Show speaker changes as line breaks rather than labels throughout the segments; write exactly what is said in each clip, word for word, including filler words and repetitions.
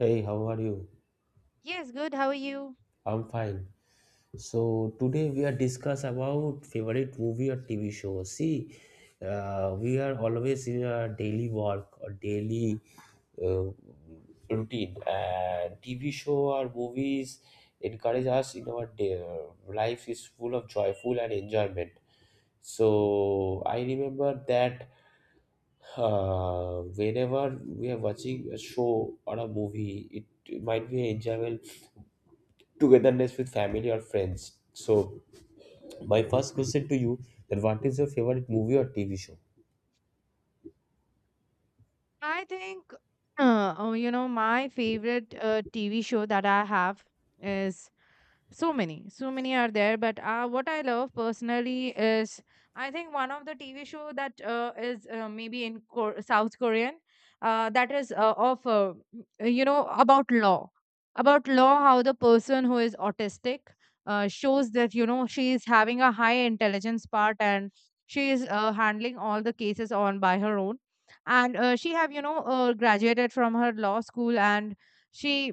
Hey, how are you?
Yes, good. How are you?
I'm fine. So today we are discuss about favorite movie or T V show. See, uh, we are always in our daily work or daily uh, routine, and T V show or movies encourage us in our day. uh, Life is full of joyful and enjoyment. So I remember that uh, whenever we are watching a show or a movie, it might be an enjoyable togetherness with family or friends. So my first question to you that what is your favorite movie or T V show?
I think, uh, oh, you know, my favorite uh, T V show that I have is so many so many are there, but uh, what I love personally is I think one of the TV show that uh, is uh, maybe in Kor- south Korean, uh, that is uh, of uh, you know about law about law how the person who is autistic, uh, shows that you know she is having a high intelligence part, and she is uh, handling all the cases on by her own. And uh, she have, you know, uh, graduated from her law school, and she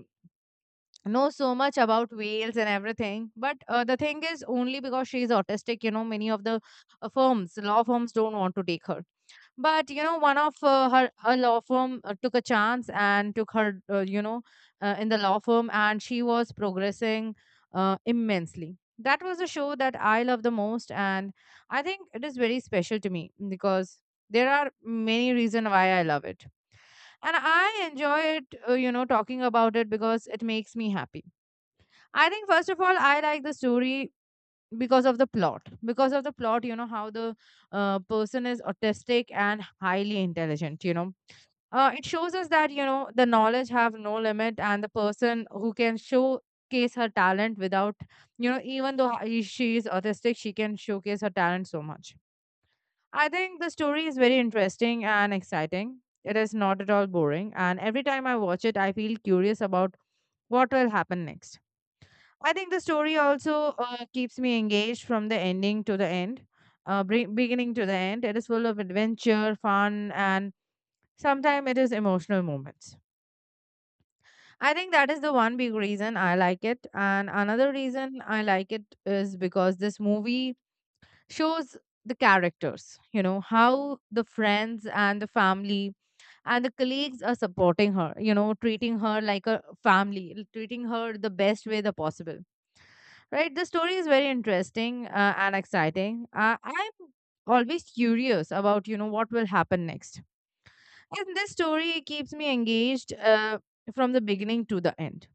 know so much about whales and everything. But uh, the thing is, only because she's autistic, you know, many of the uh, firms law firms don't want to take her. But you know, one of uh, her her law firm uh, took a chance and took her, uh, you know uh, in the law firm, and she was progressing uh, immensely. That was a show that I love the most, and I think it is very special to me because there are many reasons why I love it, and I enjoy it uh, you know talking about it because it makes me happy. I think first of all, I like the story because of the plot. Because of the plot, you know, how the uh, person is autistic and highly intelligent. You know, uh, it shows us that you know the knowledge have no limit, and the person who can showcase her talent without, you know, even though he- she is autistic, she can showcase her talent so much. I think the story is very interesting and exciting. It is not at all boring, and every time I watch it, I feel curious about what will happen next. I think the story also uh, keeps me engaged from the ending to the end, uh, bre- beginning to the end. It is full of adventure, fun, and sometimes it is emotional moments. I think that is the one big reason I like it. And another reason I like it is because this movie shows the characters, you know, how the friends and the family and the colleagues are supporting her, you know, treating her like a family, l- treating her the best way the possible. Right, the story is very interesting uh, and exciting. uh, I'm always curious about, you know, what will happen next, and this story keeps me engaged uh, from the beginning to the end.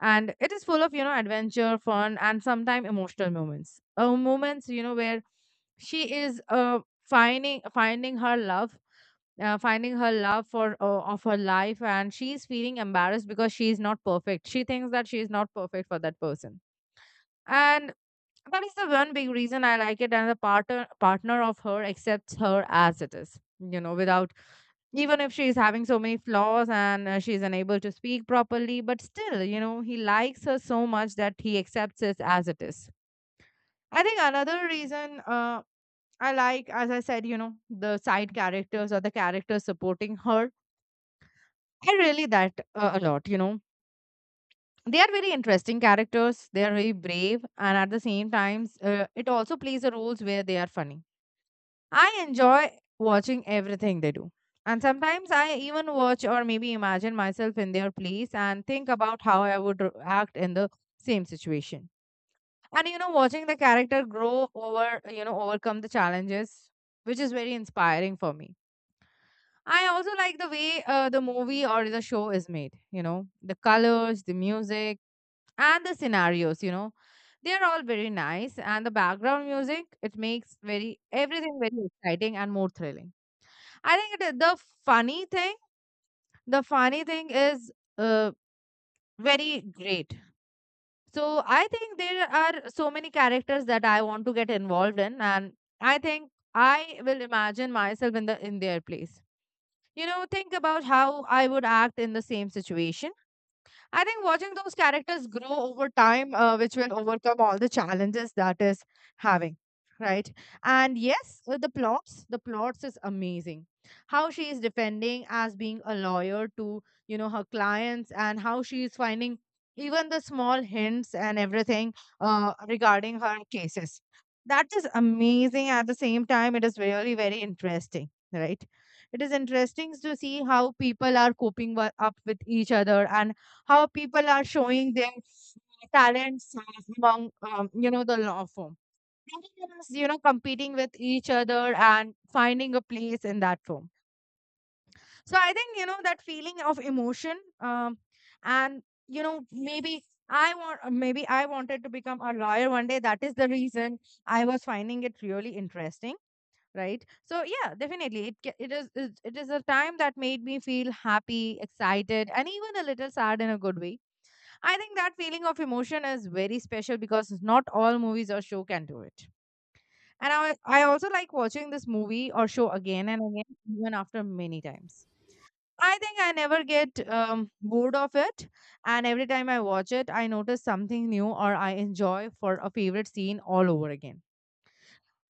And it is full of, you know, adventure, fun, and sometimes emotional moments uh, moments, you know, where she is uh, finding finding her love, uh, finding her love for uh, of her life, and she is feeling embarrassed because she is not perfect. She thinks that she is not perfect for that person. And that is the one big reason I like it. And the partner partner of her accepts her as it is, you know, without, even if she's having so many flaws, and uh, she's unable to speak properly, but still, you know, he likes her so much that he accepts it as it is. I think another reason, uh, I like, as I said, you know, the side characters or the characters supporting her, I really that uh, a lot. You know, they are very interesting characters, they are very brave, and at the same times uh, it also plays the roles where they are funny. I enjoy watching everything they do. And sometimes I even watch or maybe imagine myself in their place and think about how I would r- act in the same situation. And you know, watching the character grow over, you know, overcome the challenges, which is very inspiring for me. I also like the way uh, the movie or the show is made, you know, the colors, the music, and the scenarios, you know, they are all very nice. And the background music, it makes very everything very exciting and more thrilling. I think it, the funny thing, the funny thing is uh, very great. So I think there are so many characters that I want to get involved in, and I think I will imagine myself in the in their place. You know, think about how I would act in the same situation. I think watching those characters grow over time, uh, which will overcome all the challenges that is having, right? And yes, uh, the plots, the plots is amazing. How she is defending as being a lawyer to, you know, her clients, and how she is finding even the small hints and everything uh, regarding her cases. That is amazing. At the same time, it is really very interesting, right? It is interesting to see how people are coping wi- up with each other, and how people are showing their talents among, um, you know, the law firm. Everyone's, you know, competing with each other and finding a place in that firm. So I think, you know, that feeling of emotion, um, and you know maybe I want, uh, maybe I wanted to become a lawyer one day. That is the reason I was finding it really interesting, right? So yeah, definitely it ca- it is it it is a time that made me feel happy, excited, and even a little sad in a good way. I think that feeling of emotion is very special because not all movies or show can do it. And I, I also like watching this movie or show again and again, even after many times. I think I never get um, bored of it. And every time I watch it, I notice something new or I enjoy for a favorite scene all over again.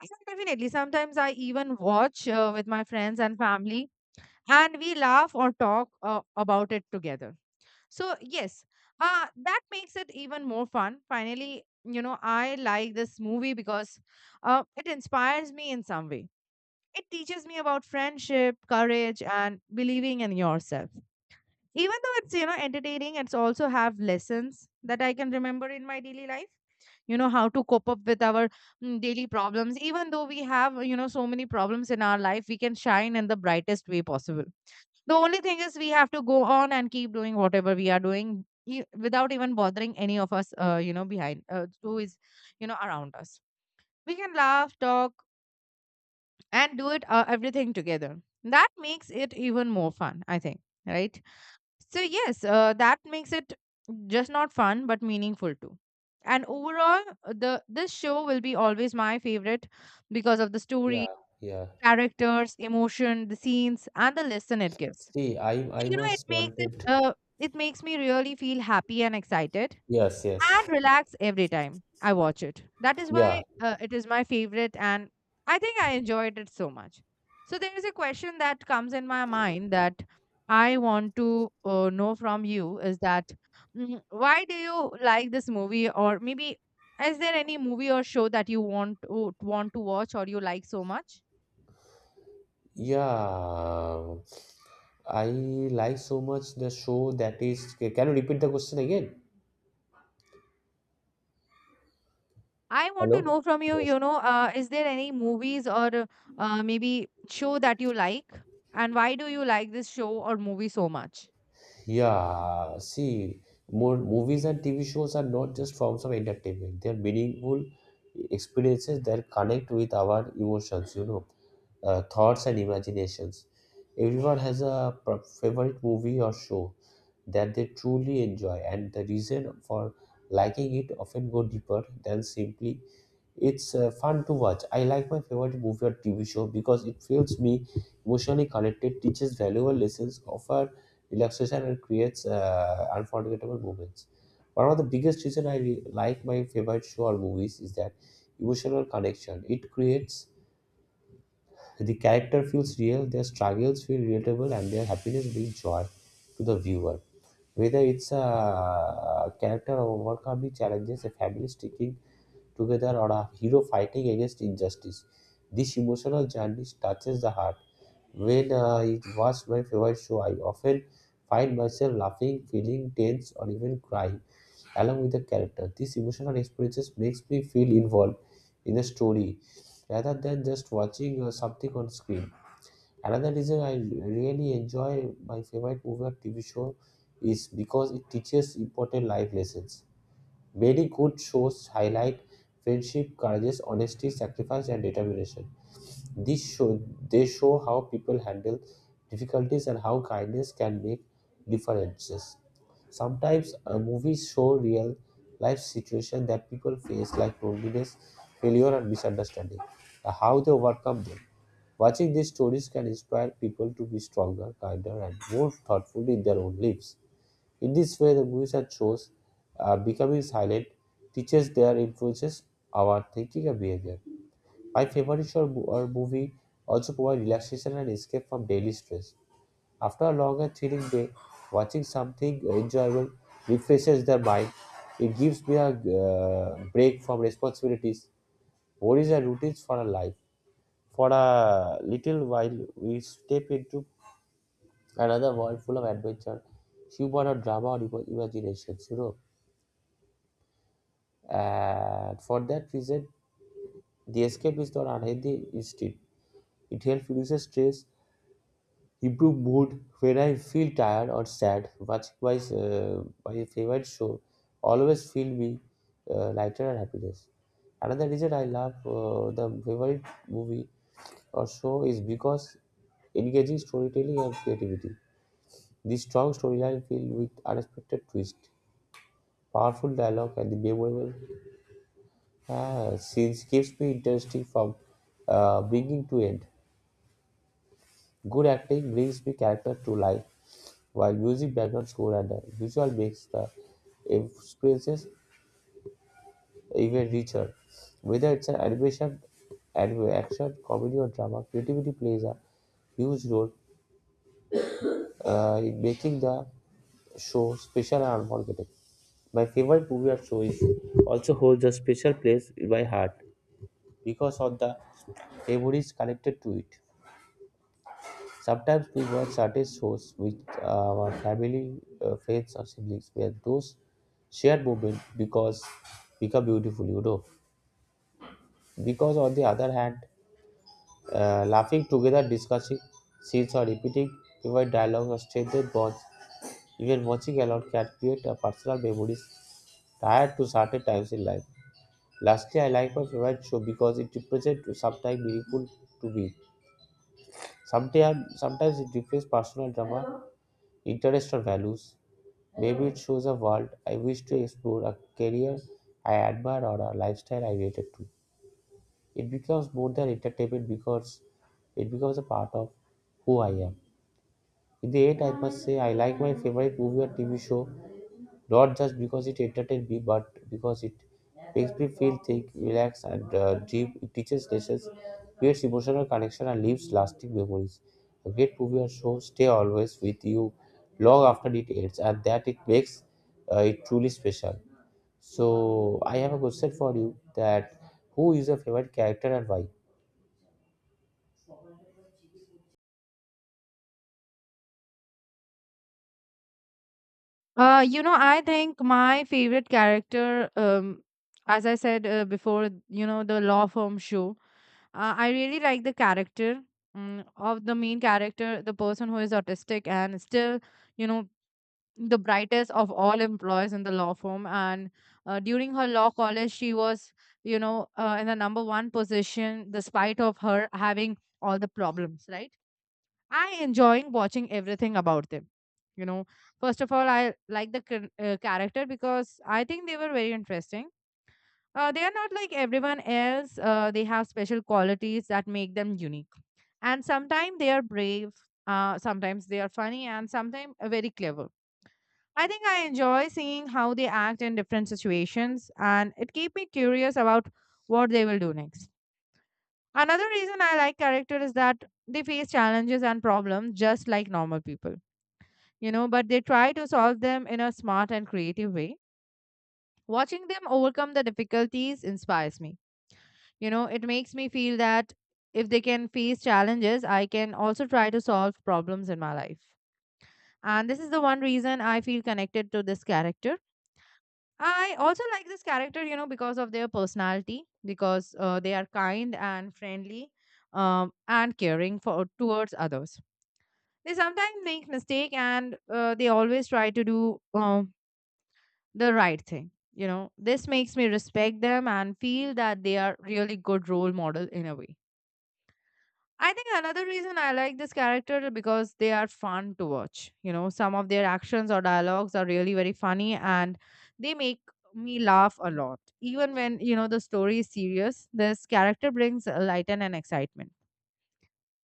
So definitely. Sometimes I even watch uh, with my friends and family, and we laugh or talk uh, about it together. So yes, uh, that makes it even more fun. Finally, you know, I like this movie because uh, it inspires me in some way. It teaches me about friendship, courage, and believing in yourself. Even though it's, you know, entertaining, it's also have lessons that I can remember in my daily life. You know how to cope up with our mm, daily problems. Even though we have, you know, so many problems in our life, we can shine in the brightest way possible. The only thing is we have to go on and keep doing whatever we are doing, e- without even bothering any of us, uh, you know, behind, uh, who is, you know, around us. We can laugh, talk, and do it, uh, everything together. That makes it even more fun, I think, right? So yes, uh, that makes it just not fun but meaningful too. And overall, uh, the this show will be always my favorite because of the story,
Yeah, yeah.
characters, emotion, the scenes, and the lesson it gives.
See, I I
You know, it
must
makes it
wanted.
uh, it makes me really feel happy and excited
Yes, yes.
and relaxed every time I watch it. That is
Yeah,
why uh, it is my favorite, and I think I enjoyed it so much. So there is a question that comes in my mind that I want to uh, know from you is that, mm, why do you like this movie, or maybe is there any movie or show that you want to, want to watch or you like so much?
yeah. I like so much the show that is. Can you repeat the question again?
I want to
Hello?
know from you,
Yes.
you know, uh, is there any movies or uh, maybe show that you like? And why do you like this show or movie so much?
Yeah, see, more movies and T V shows are not just forms of entertainment. They are meaningful experiences that connect with our emotions, you know, uh, thoughts and imaginations. Everyone has a pr- favorite movie or show that they truly enjoy, and the reason for liking it often go deeper than simply it's uh, fun to watch. I like my favorite movie or T V show because it feels me emotionally connected, teaches valuable lessons, offer relaxation and creates uh, unforgettable moments. One of the biggest reason I re- like my favorite show or movies is that emotional connection. It creates the character feels real, their struggles feel relatable, and their happiness brings joy to the viewer. Whether it's uh, a character overcoming challenges, a family sticking together, or a hero fighting against injustice, this emotional journey touches the heart when uh, it was my favorite show, I often find myself laughing, feeling tense, or even crying along with the character. These emotional experiences makes me feel involved in the story rather than just watching uh, something on screen. Another reason I really enjoy my favorite movie or T V show is because it teaches important life lessons. Many good shows highlight friendship, courage, honesty, sacrifice, and determination. This show, they show how people handle difficulties and how kindness can make differences. Sometimes a movies show real life situations that people face like loneliness, failure and misunderstanding, and how they overcome them. Watching these stories can inspire people to be stronger, kinder and more thoughtful in their own lives. In this way the movies and shows are becoming silent teaches their influences our thinking and behavior. My favorite show or movie also provide relaxation and escape from daily stress. After a long and thrilling day, watching something enjoyable refreshes the mind. It gives me a uh, break from responsibilities, worries, and routines for a life. For a little while, we step into another world full of adventure, humor, or drama, or ima- imaginations. You know, and for that reason, the escape is not unhealthy instinct. It helps reduce stress. Improve mood when I feel tired or sad, watching my, uh, my favorite show always feel me uh, lighter and happiness. Another reason I love uh, the favorite movie or show is because engaging storytelling and creativity. The strong storyline filled with unexpected twists, powerful dialogue, and the memorable uh, scenes keeps me interesting from uh, beginning to end. Good acting brings me character to life while music background score and the visual makes the experiences even richer. Whether it's an animation, anime, action, comedy, or drama, creativity plays a huge role uh, in making the show special and unforgettable. My favorite movie or show is also holds a special place in my heart because of the memories connected to it. Sometimes we watch certain shows with uh, our family, uh, friends, or siblings, where those shared moments because become beautiful, you know. Because on the other hand, uh, laughing together, discussing scenes, or repeating favorite dialogue or strengthen bonds, even watching alone can create a personal memories tied to certain times in life. Lastly, I like my favorite show because it represents sometimes meaningful to me. Sometimes, sometimes it reflects personal drama, interest, or values. Maybe it shows a world I wish to explore, a career I admire, or a lifestyle I related to. It becomes more than entertainment because it becomes a part of who I am. In the end, I must say I like my favorite movie or T V show not just because it entertains me, but because it makes me feel, think, relax, and uh, dream. It teaches lessons, creates emotional connection, and leaves lasting memories. A great movie or show stay always with you long after it ends, and that it makes uh, it truly special. So I have a question for you: that who is your favorite character and why?
Uh, you know, I think my favorite character, um, as I said uh, before, you know, the law firm show, uh, I really like the character, um, of the main character, the person who is autistic and still, you know, the brightest of all employees in the law firm. And uh, during her law college she was, you know, uh, in the number one position, despite of her having all the problems, right? I enjoying watching everything about them, you know. First of all, I like the char- uh, character because I think they were very interesting. Uh, they are not like everyone else. Uh, they have special qualities that make them unique, and sometimes they are brave, uh, sometimes they are funny, and sometimes very clever. I think I enjoy seeing how they act in different situations, and it keeps me curious about what they will do next. Another reason I like characters is that they face challenges and problems just like normal people, you know, but they try to solve them in a smart and creative way. Watching them overcome the difficulties inspires me. You know, it makes me feel that if they can face challenges, I can also try to solve problems in my life. And this is the one reason I feel connected to this character. I also like this character, you know, because of their personality, because uh, they are kind and friendly, um, and caring for towards others. They sometimes make mistake and uh, they always try to do um, the right thing. You know, this makes me respect them and feel that they are really good role model in a way. I think another reason I like this character because they are fun to watch. You know, some of their actions or dialogues are really very funny and they make me laugh a lot. Even when, you know, the story is serious, this character brings a light and excitement.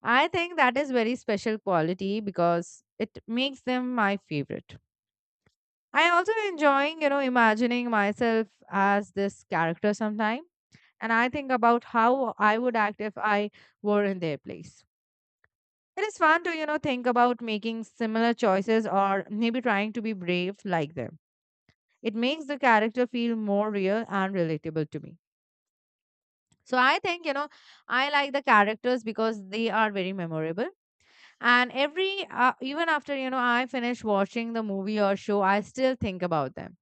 I think that is very special quality because it makes them my favorite. I also enjoying, you know, imagining myself as this character sometime and I think about how I would act if I were in their place. It is fun to, you know, think about making similar choices or maybe trying to be brave like them. It makes the character feel more real and relatable to me. So I think, you know, I like the characters because they are very memorable. And every, uh, even after, you know, I finish watching the movie or show, I still think about them.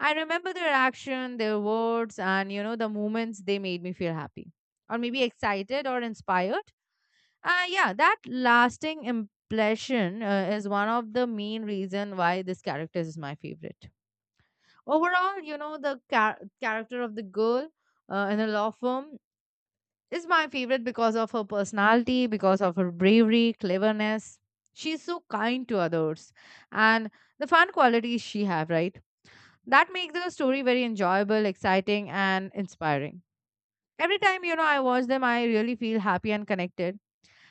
I remember their action, their words, and, you know, the moments they made me feel happy or maybe excited or inspired. Uh, yeah, that lasting impression uh, is one of the main reason why this character is my favorite. Overall, you know, the char- character of the girl uh, in the law firm is my favorite because of her personality, because of her bravery, cleverness. She's so kind to others and the fun qualities she have, right? That makes the story very enjoyable, exciting and inspiring. Every time, you know, I watch them, I really feel happy and connected.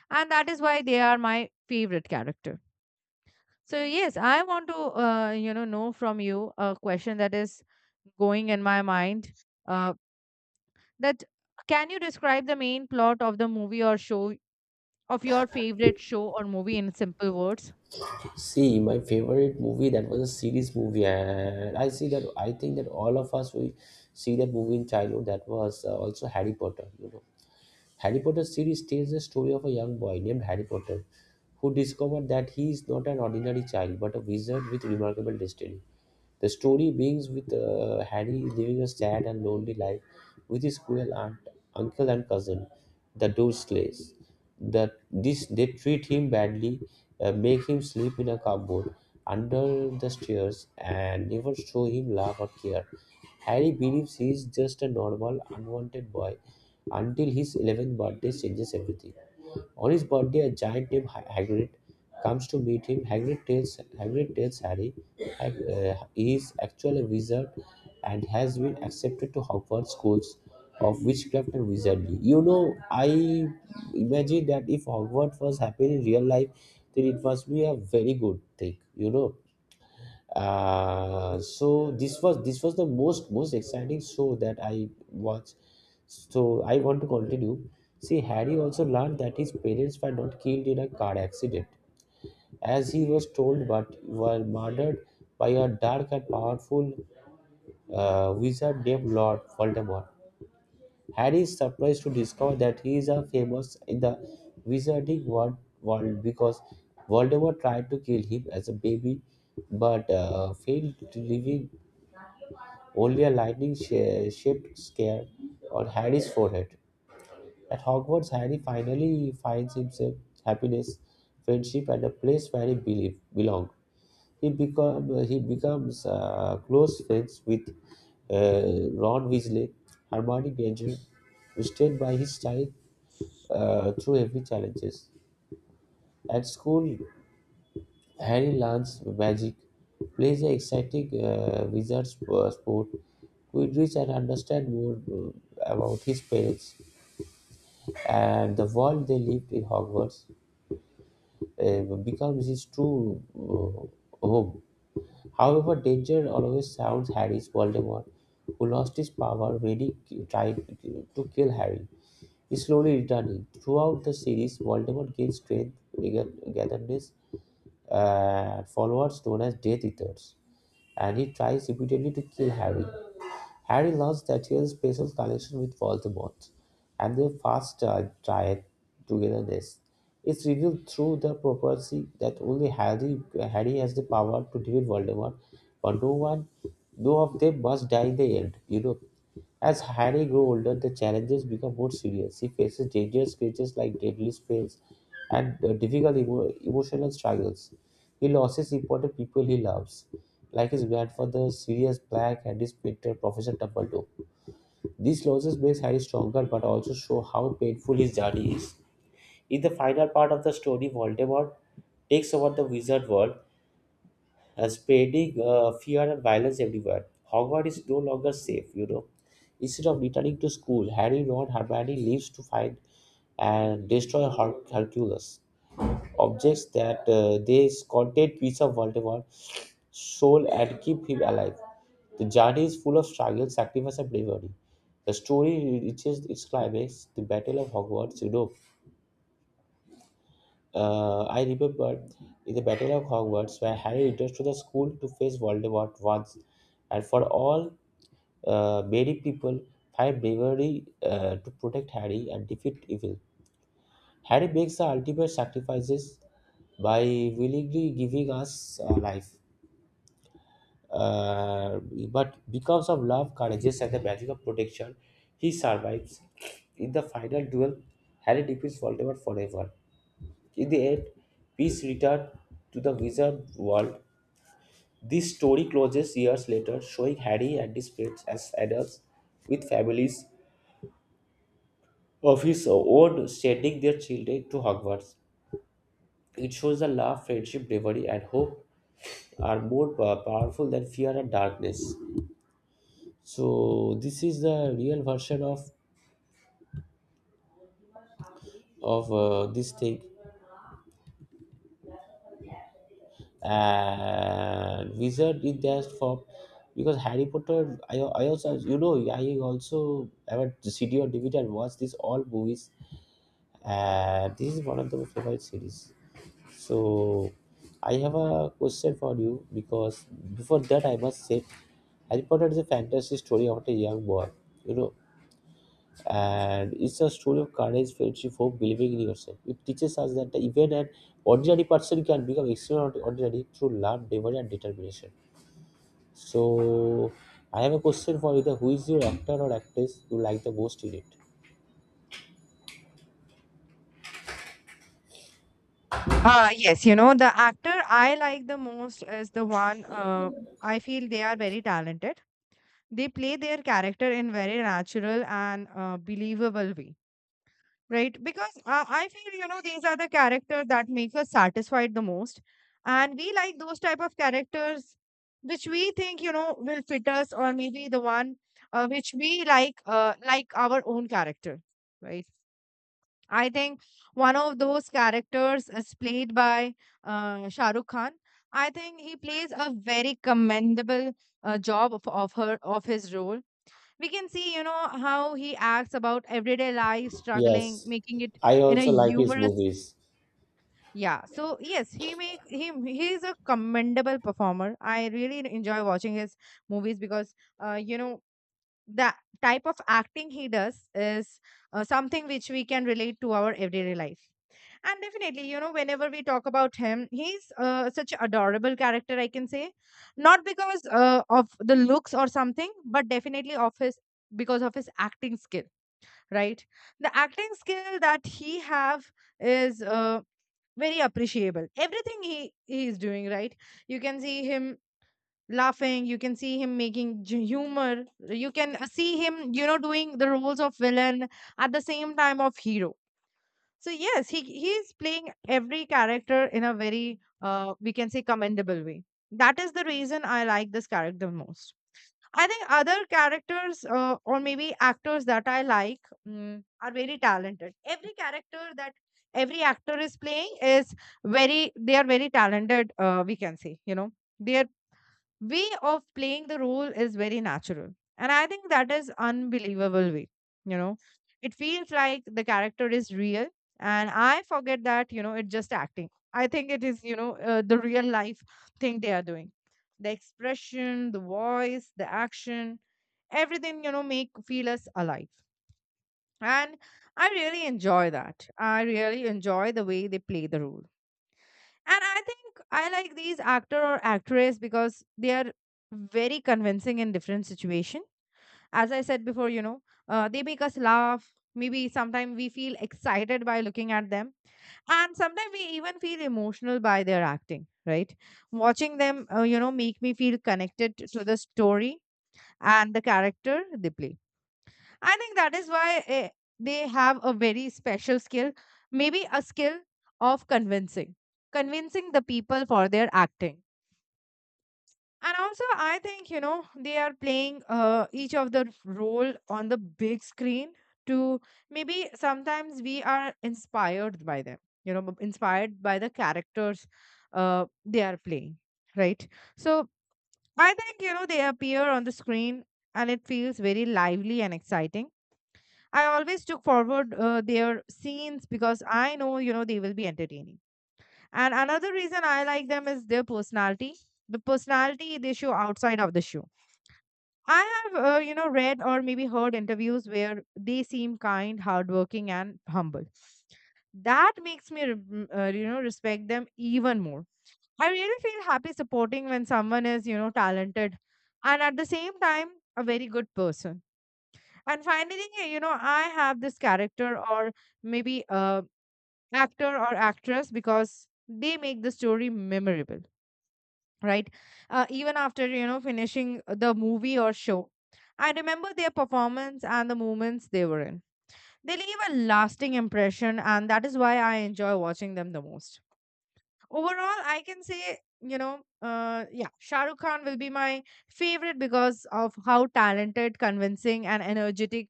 And that is why they are my favorite character. So yes, I want to uh, you know know from you a question that is going in my mind. Uh, that can you describe the main plot of the movie or show of your favorite show or movie in simple words?
See, my favorite movie that was a series movie, and I see that I think that all of us we see that movie in childhood. That was uh, also Harry Potter. You know, Harry Potter series tells the story of a young boy named Harry Potter who discovered that he is not an ordinary child but a wizard with remarkable destiny. The story begins with uh, Harry living a sad and lonely life with his cruel aunt, uncle, and cousin, the Dursleys. That this they treat him badly, uh, make him sleep in a cupboard under the stairs, and never show him love or care. Harry believes he is just a normal, unwanted boy until his eleventh birthday changes everything. On his birthday, a giant named Ha- Hagrid comes to meet him. Hagrid tells, Hagrid tells Harry that uh, he is actually a wizard and has been accepted to Hogwarts schools of witchcraft and wizardry. You know, I imagine that if Hogwarts was happening in real life, then it must be a very good thing, you know. Uh so this was this was the most most exciting show that I watched, so I want to continue. See, Harry also learned that his parents were not killed in a car accident as he was told but were murdered by a dark and powerful uh, wizard named Lord Voldemort. Harry is surprised to discover that he is a famous in the wizarding world, world because Voldemort tried to kill him as a baby but uh, failed to leave only a lightning sh- shaped scare on Harry's forehead. At Hogwarts, Harry finally finds himself happiness, friendship, and a place where he believe, belong. He become he becomes uh, close friends with uh, Ron Weasley, Hermione Granger, who stand by his side uh, through every challenges. At school, Harry learns magic, plays the exciting uh, wizard sp- uh, sport, Quidditch, and understands more uh, about his parents. And the world they lived in Hogwarts uh, becomes his true uh, home. However, danger always surrounds Harry's Voldemort, who lost his power when he ki- tried to kill Harry. Is slowly returning. Throughout the series, Voldemort gains strength, gather- gatherness, uh, followers known as Death Eaters, and he tries repeatedly to kill Harry. Harry learns that he has special connection with Voldemort, and their fast uh, triad togetherness is revealed through the prophecy that only Harry, Harry has the power to defeat Voldemort, but no one, no of them must die in the end. You know, as Harry grew older, the challenges become more serious. He faces dangerous creatures like deadly spells and uh, difficult emo- emotional struggles. He loses important people he loves, like his grandfather Sirius Black and his mentor Professor Dumbledore. These losses makes Harry stronger, but also show how painful his journey is. In the final part of the story, Voldemort takes over the wizard world uh, spreading uh, fear and violence everywhere. Hogwarts is no longer safe, you know. Instead of returning to school, Harry, Ron, Hermione leaves to find and destroy Her- Hercules. Objects that uh, they contain piece of Voldemort's soul and keep him alive. The journey is full of struggle, sacrifice, and bravery. The story reaches its climax, the Battle of Hogwarts, you know, uh, I remember in the Battle of Hogwarts, where Harry returns to the school to face Voldemort once and for all. Uh, many people find bravery uh, to protect Harry and defeat evil. Harry makes the ultimate sacrifices by willingly giving us uh, life. Uh, but because of love, courage, and the magic of protection, he survives. In the final duel, Harry defeats Voldemort forever. In the end, peace returned to the wizard world. This story closes years later, showing Harry and his friends as adults with families of his own sending their children to Hogwarts. It shows that love, friendship, bravery, and hope are more pa- powerful than fear and darkness. So this is the real version of of uh, this thing. And wizard is just for, because Harry Potter, i, I also you know i also have a C D or D V D and watch these all movies. And this is one of the favorite series. So I have a question for you, because before that I must say Harry Potter is a fantasy story about a young boy you know and it's a story of courage, friendship, hope, believing in yourself. It teaches us that even an ordinary person can become extraordinary through love, bravery, and determination. So, I have a question for you: that who is your actor or actress you like the most in it?
Uh, yes, you know, the actor I like the most is the one uh, I feel they are very talented. They play their character in very natural and uh, believable way, right? Because uh, I feel, you know, these are the characters that make us satisfied the most. And we like those type of characters which we think, you know, will fit us or maybe the one uh, which we like, uh, like our own character, right? I think one of those characters is played by uh, Shah Rukh Khan. I think he plays a very commendable uh, job of, of her of his role. We can see, you know, how he acts about everyday life struggling,
Yes,
making it
I
in a
also like his
humorous,
movies.
yeah. So yes, he make him he is a commendable performer. I really enjoy watching his movies because uh, you know, the type of acting he does is uh, something which we can relate to our everyday life. And definitely, you know, whenever we talk about him, he's uh, such a adorable character, I can say. Not because uh, of the looks or something, but definitely of his, because of his acting skill, right? The acting skill that he have is uh, very appreciable. Everything he, he is doing, right? You can see him laughing, you can see him making j- humor, you can uh, see him, you know, doing the roles of villain at the same time of hero. So yes, he he is playing every character in a very uh, we can say commendable way. That is the reason I like this character most. I think other characters uh, or maybe actors that I like mm, are very talented. Every character that every actor is playing is very, they are very talented. Uh, we can say, you know, their way of playing the role is very natural, and I think that is unbelievable way. You know, it feels like the character is real, and I forget that, you know, it's just acting. I think it is, you know, uh, the real life thing they are doing. The expression, the voice, the action, everything, you know, make feel us alive. And I really enjoy that. I really enjoy the way they play the role. And I think I like these actor or actress because they are very convincing in different situation. As I said before, you know, uh, they make us laugh. Maybe sometimes we feel excited by looking at them, and sometimes we even feel emotional by their acting. Right, watching them, uh, you know, make me feel connected to the story and the character they play. I think that is why eh, they have a very special skill, maybe a skill of convincing, convincing the people for their acting. And also, I think, you know, they are playing uh, each of the role on the big screen to, maybe sometimes we are inspired by them, you know, b- inspired by the characters uh, they are playing, right? So I think, you know, they appear on the screen and it feels very lively and exciting. I always took forward uh, their scenes because I know, you know, they will be entertaining. And another reason I like them is their personality, the personality they show outside of the show. I have, uh, you know, read or maybe heard interviews where they seem kind, hardworking, and humble. That makes me, rem- uh, you know, respect them even more. I really feel happy supporting when someone is, you know, talented and at the same time, a very good person. And finally, you know, I have this character or maybe uh, actor or actress because they make the story memorable, right? Uh, even after, you know, finishing the movie or show, I remember their performance and the moments they were in. They leave a lasting impression, and that is why I enjoy watching them the most. Overall, I can say, you know, uh yeah, Shah Rukh Khan will be my favorite because of how talented, convincing and energetic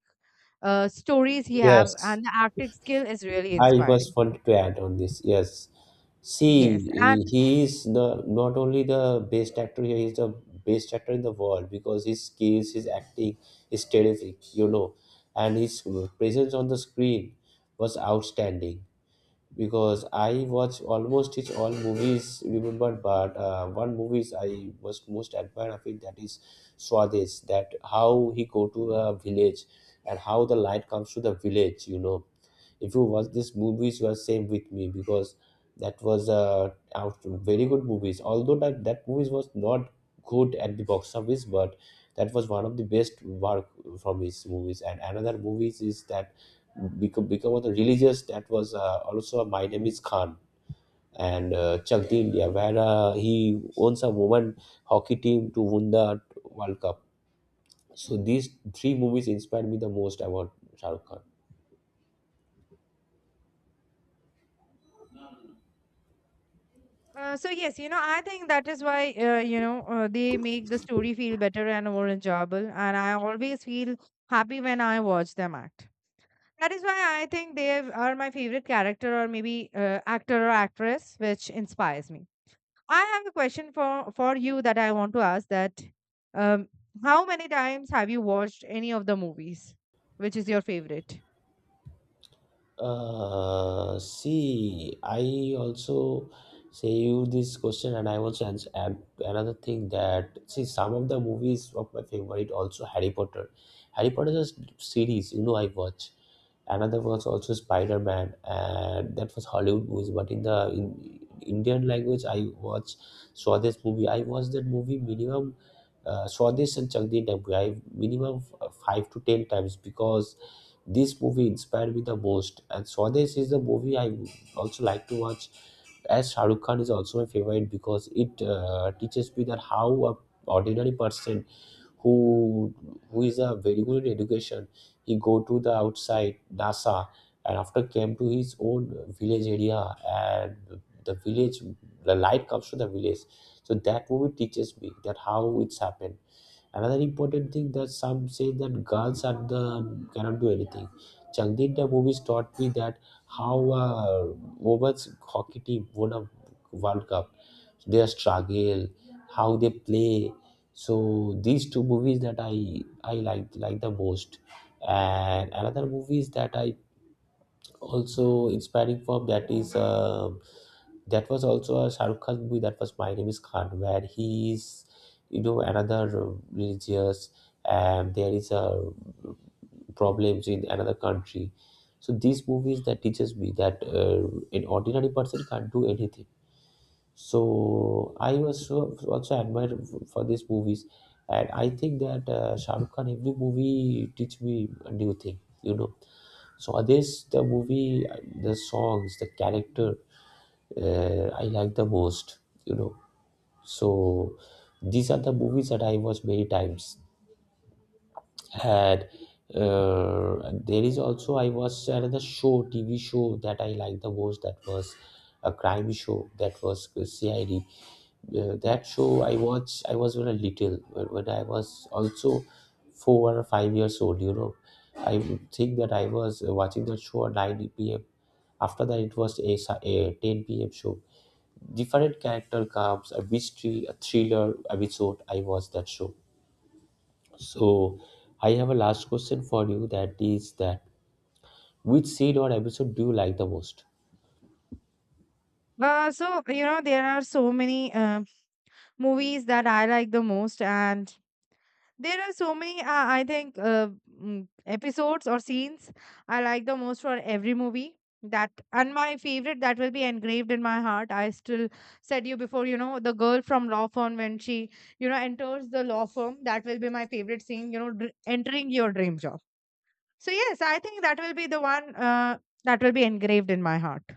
uh stories he have,
Yes.
and the acting skill is really
I was
inspiring.
wanted to add on this. Yes, see,
Yes and
he is the not only the best actor here, he's the best actor in the world, because his skills, his acting is terrific, you know, and his presence on the screen was outstanding. Because I watch almost his all movies, remember, but uh, one movies I was most admired of it, that is Swadesh. That how he go to a village and how the light comes to the village, you know if you watch these movies you are same with me, because that was uh, out very good movies, although that that movies was not good at the box office, but that was one of the best work from his movies. And another movies is that become become of the religious, that was uh, also My Name Is Khan, and uh, Chak Dee India, where uh, he owns a woman hockey team to win the World Cup. So these three movies inspired me the most about Shah Rukh Khan.
uh, so yes, you know, I think that is why uh, you know, uh, they make the story feel better and more enjoyable, and I always feel happy when I watch them act. That is why I think they are my favorite character or maybe uh, actor or actress which inspires me. I have a question for for you that I want to ask, that um, how many times have you watched any of the movies? Which is your favorite?
Uh, see, I also say you this question, and I also ans add another thing, that see some of the movies of my favorite also Harry Potter. Harry Potter is a series, you know, I watch. Another was also Spider Man, and that was Hollywood movies. But in the in Indian language, I watch saw this movie. I watched that movie minimum, uh, saw this and Chak Din Taboo. I minimum f- five to ten times, because this movie inspired me the most, and Swades is the movie I also like to watch. As Shahrukh Khan is also my favorite, because it uh, teaches me that how a ordinary person, who who is a very good in education, he go to the outside NASA and after came to his own village area, and the village, the light comes to the village. So that movie teaches me that how it's happened. Another important thing, that some say that girls are the um, cannot do anything. Changdinda movies taught me that how uh, women's hockey team won a World Cup, their struggle, how they play. So these two movies that I I like like the most, and another movies that I also inspiring for, that is uh, that was also a Shahrukh Khan movie, that was My Name Is Khan, where he is you know another uh, religious, and there is a problems in another country. So these movies that teaches me that uh, an ordinary person can't do anything, so I was so- also admire f- for these movies. And I think that uh, Shahrukh Khan every movie teach me a new thing you know So this the movie, the songs, the character, uh, I like the most. You know, so these are the movies that I watch many times, had uh, there is also I watched another show, tv show, that I liked the most, that was a crime show, that was C I D. Uh, that show I watched, I was very little when when I was also four or five years old you know I think that I was watching that show at nine p m. After that, it was a, si- a ten p m show. Different character comes, a mystery, a thriller episode, I watched that show. So I have a last question for you, that is, that which seed or episode do you like the most?
Uh, so you know there are so many um movies that I like the most, and there are so many, uh, I think, uh, mm, episodes or scenes I like the most for every movie. That and my favorite that will be engraved in my heart. I still said you before, you know, the girl from law firm when she, you know, enters the law firm. That will be my favorite scene. You know, dr- entering your dream job. So yes, I think that will be the one uh, that will be engraved in my heart.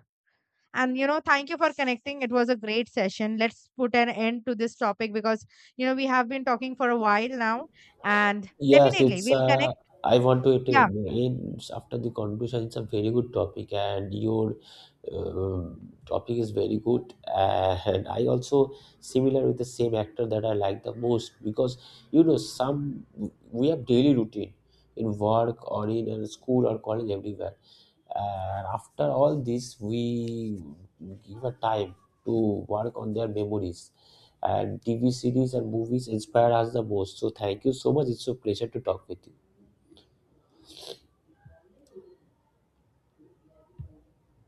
And you know, thank you for connecting. It was a great session. Let's put an end to this topic because you know we have been talking for a while now, and
Yes,
definitely
it's
we'll
uh,
connect.
I want to it
Yeah.
in after the conversation. It's a very good topic, and your um topic is very good. And I also similar with the same actor that I like the most, because you know some we have daily routine in work or in uh, school or college everywhere. And after all this, we give a time to work on their memories, and T V series and movies inspire us the most. So thank you so much. It's a pleasure to talk with you.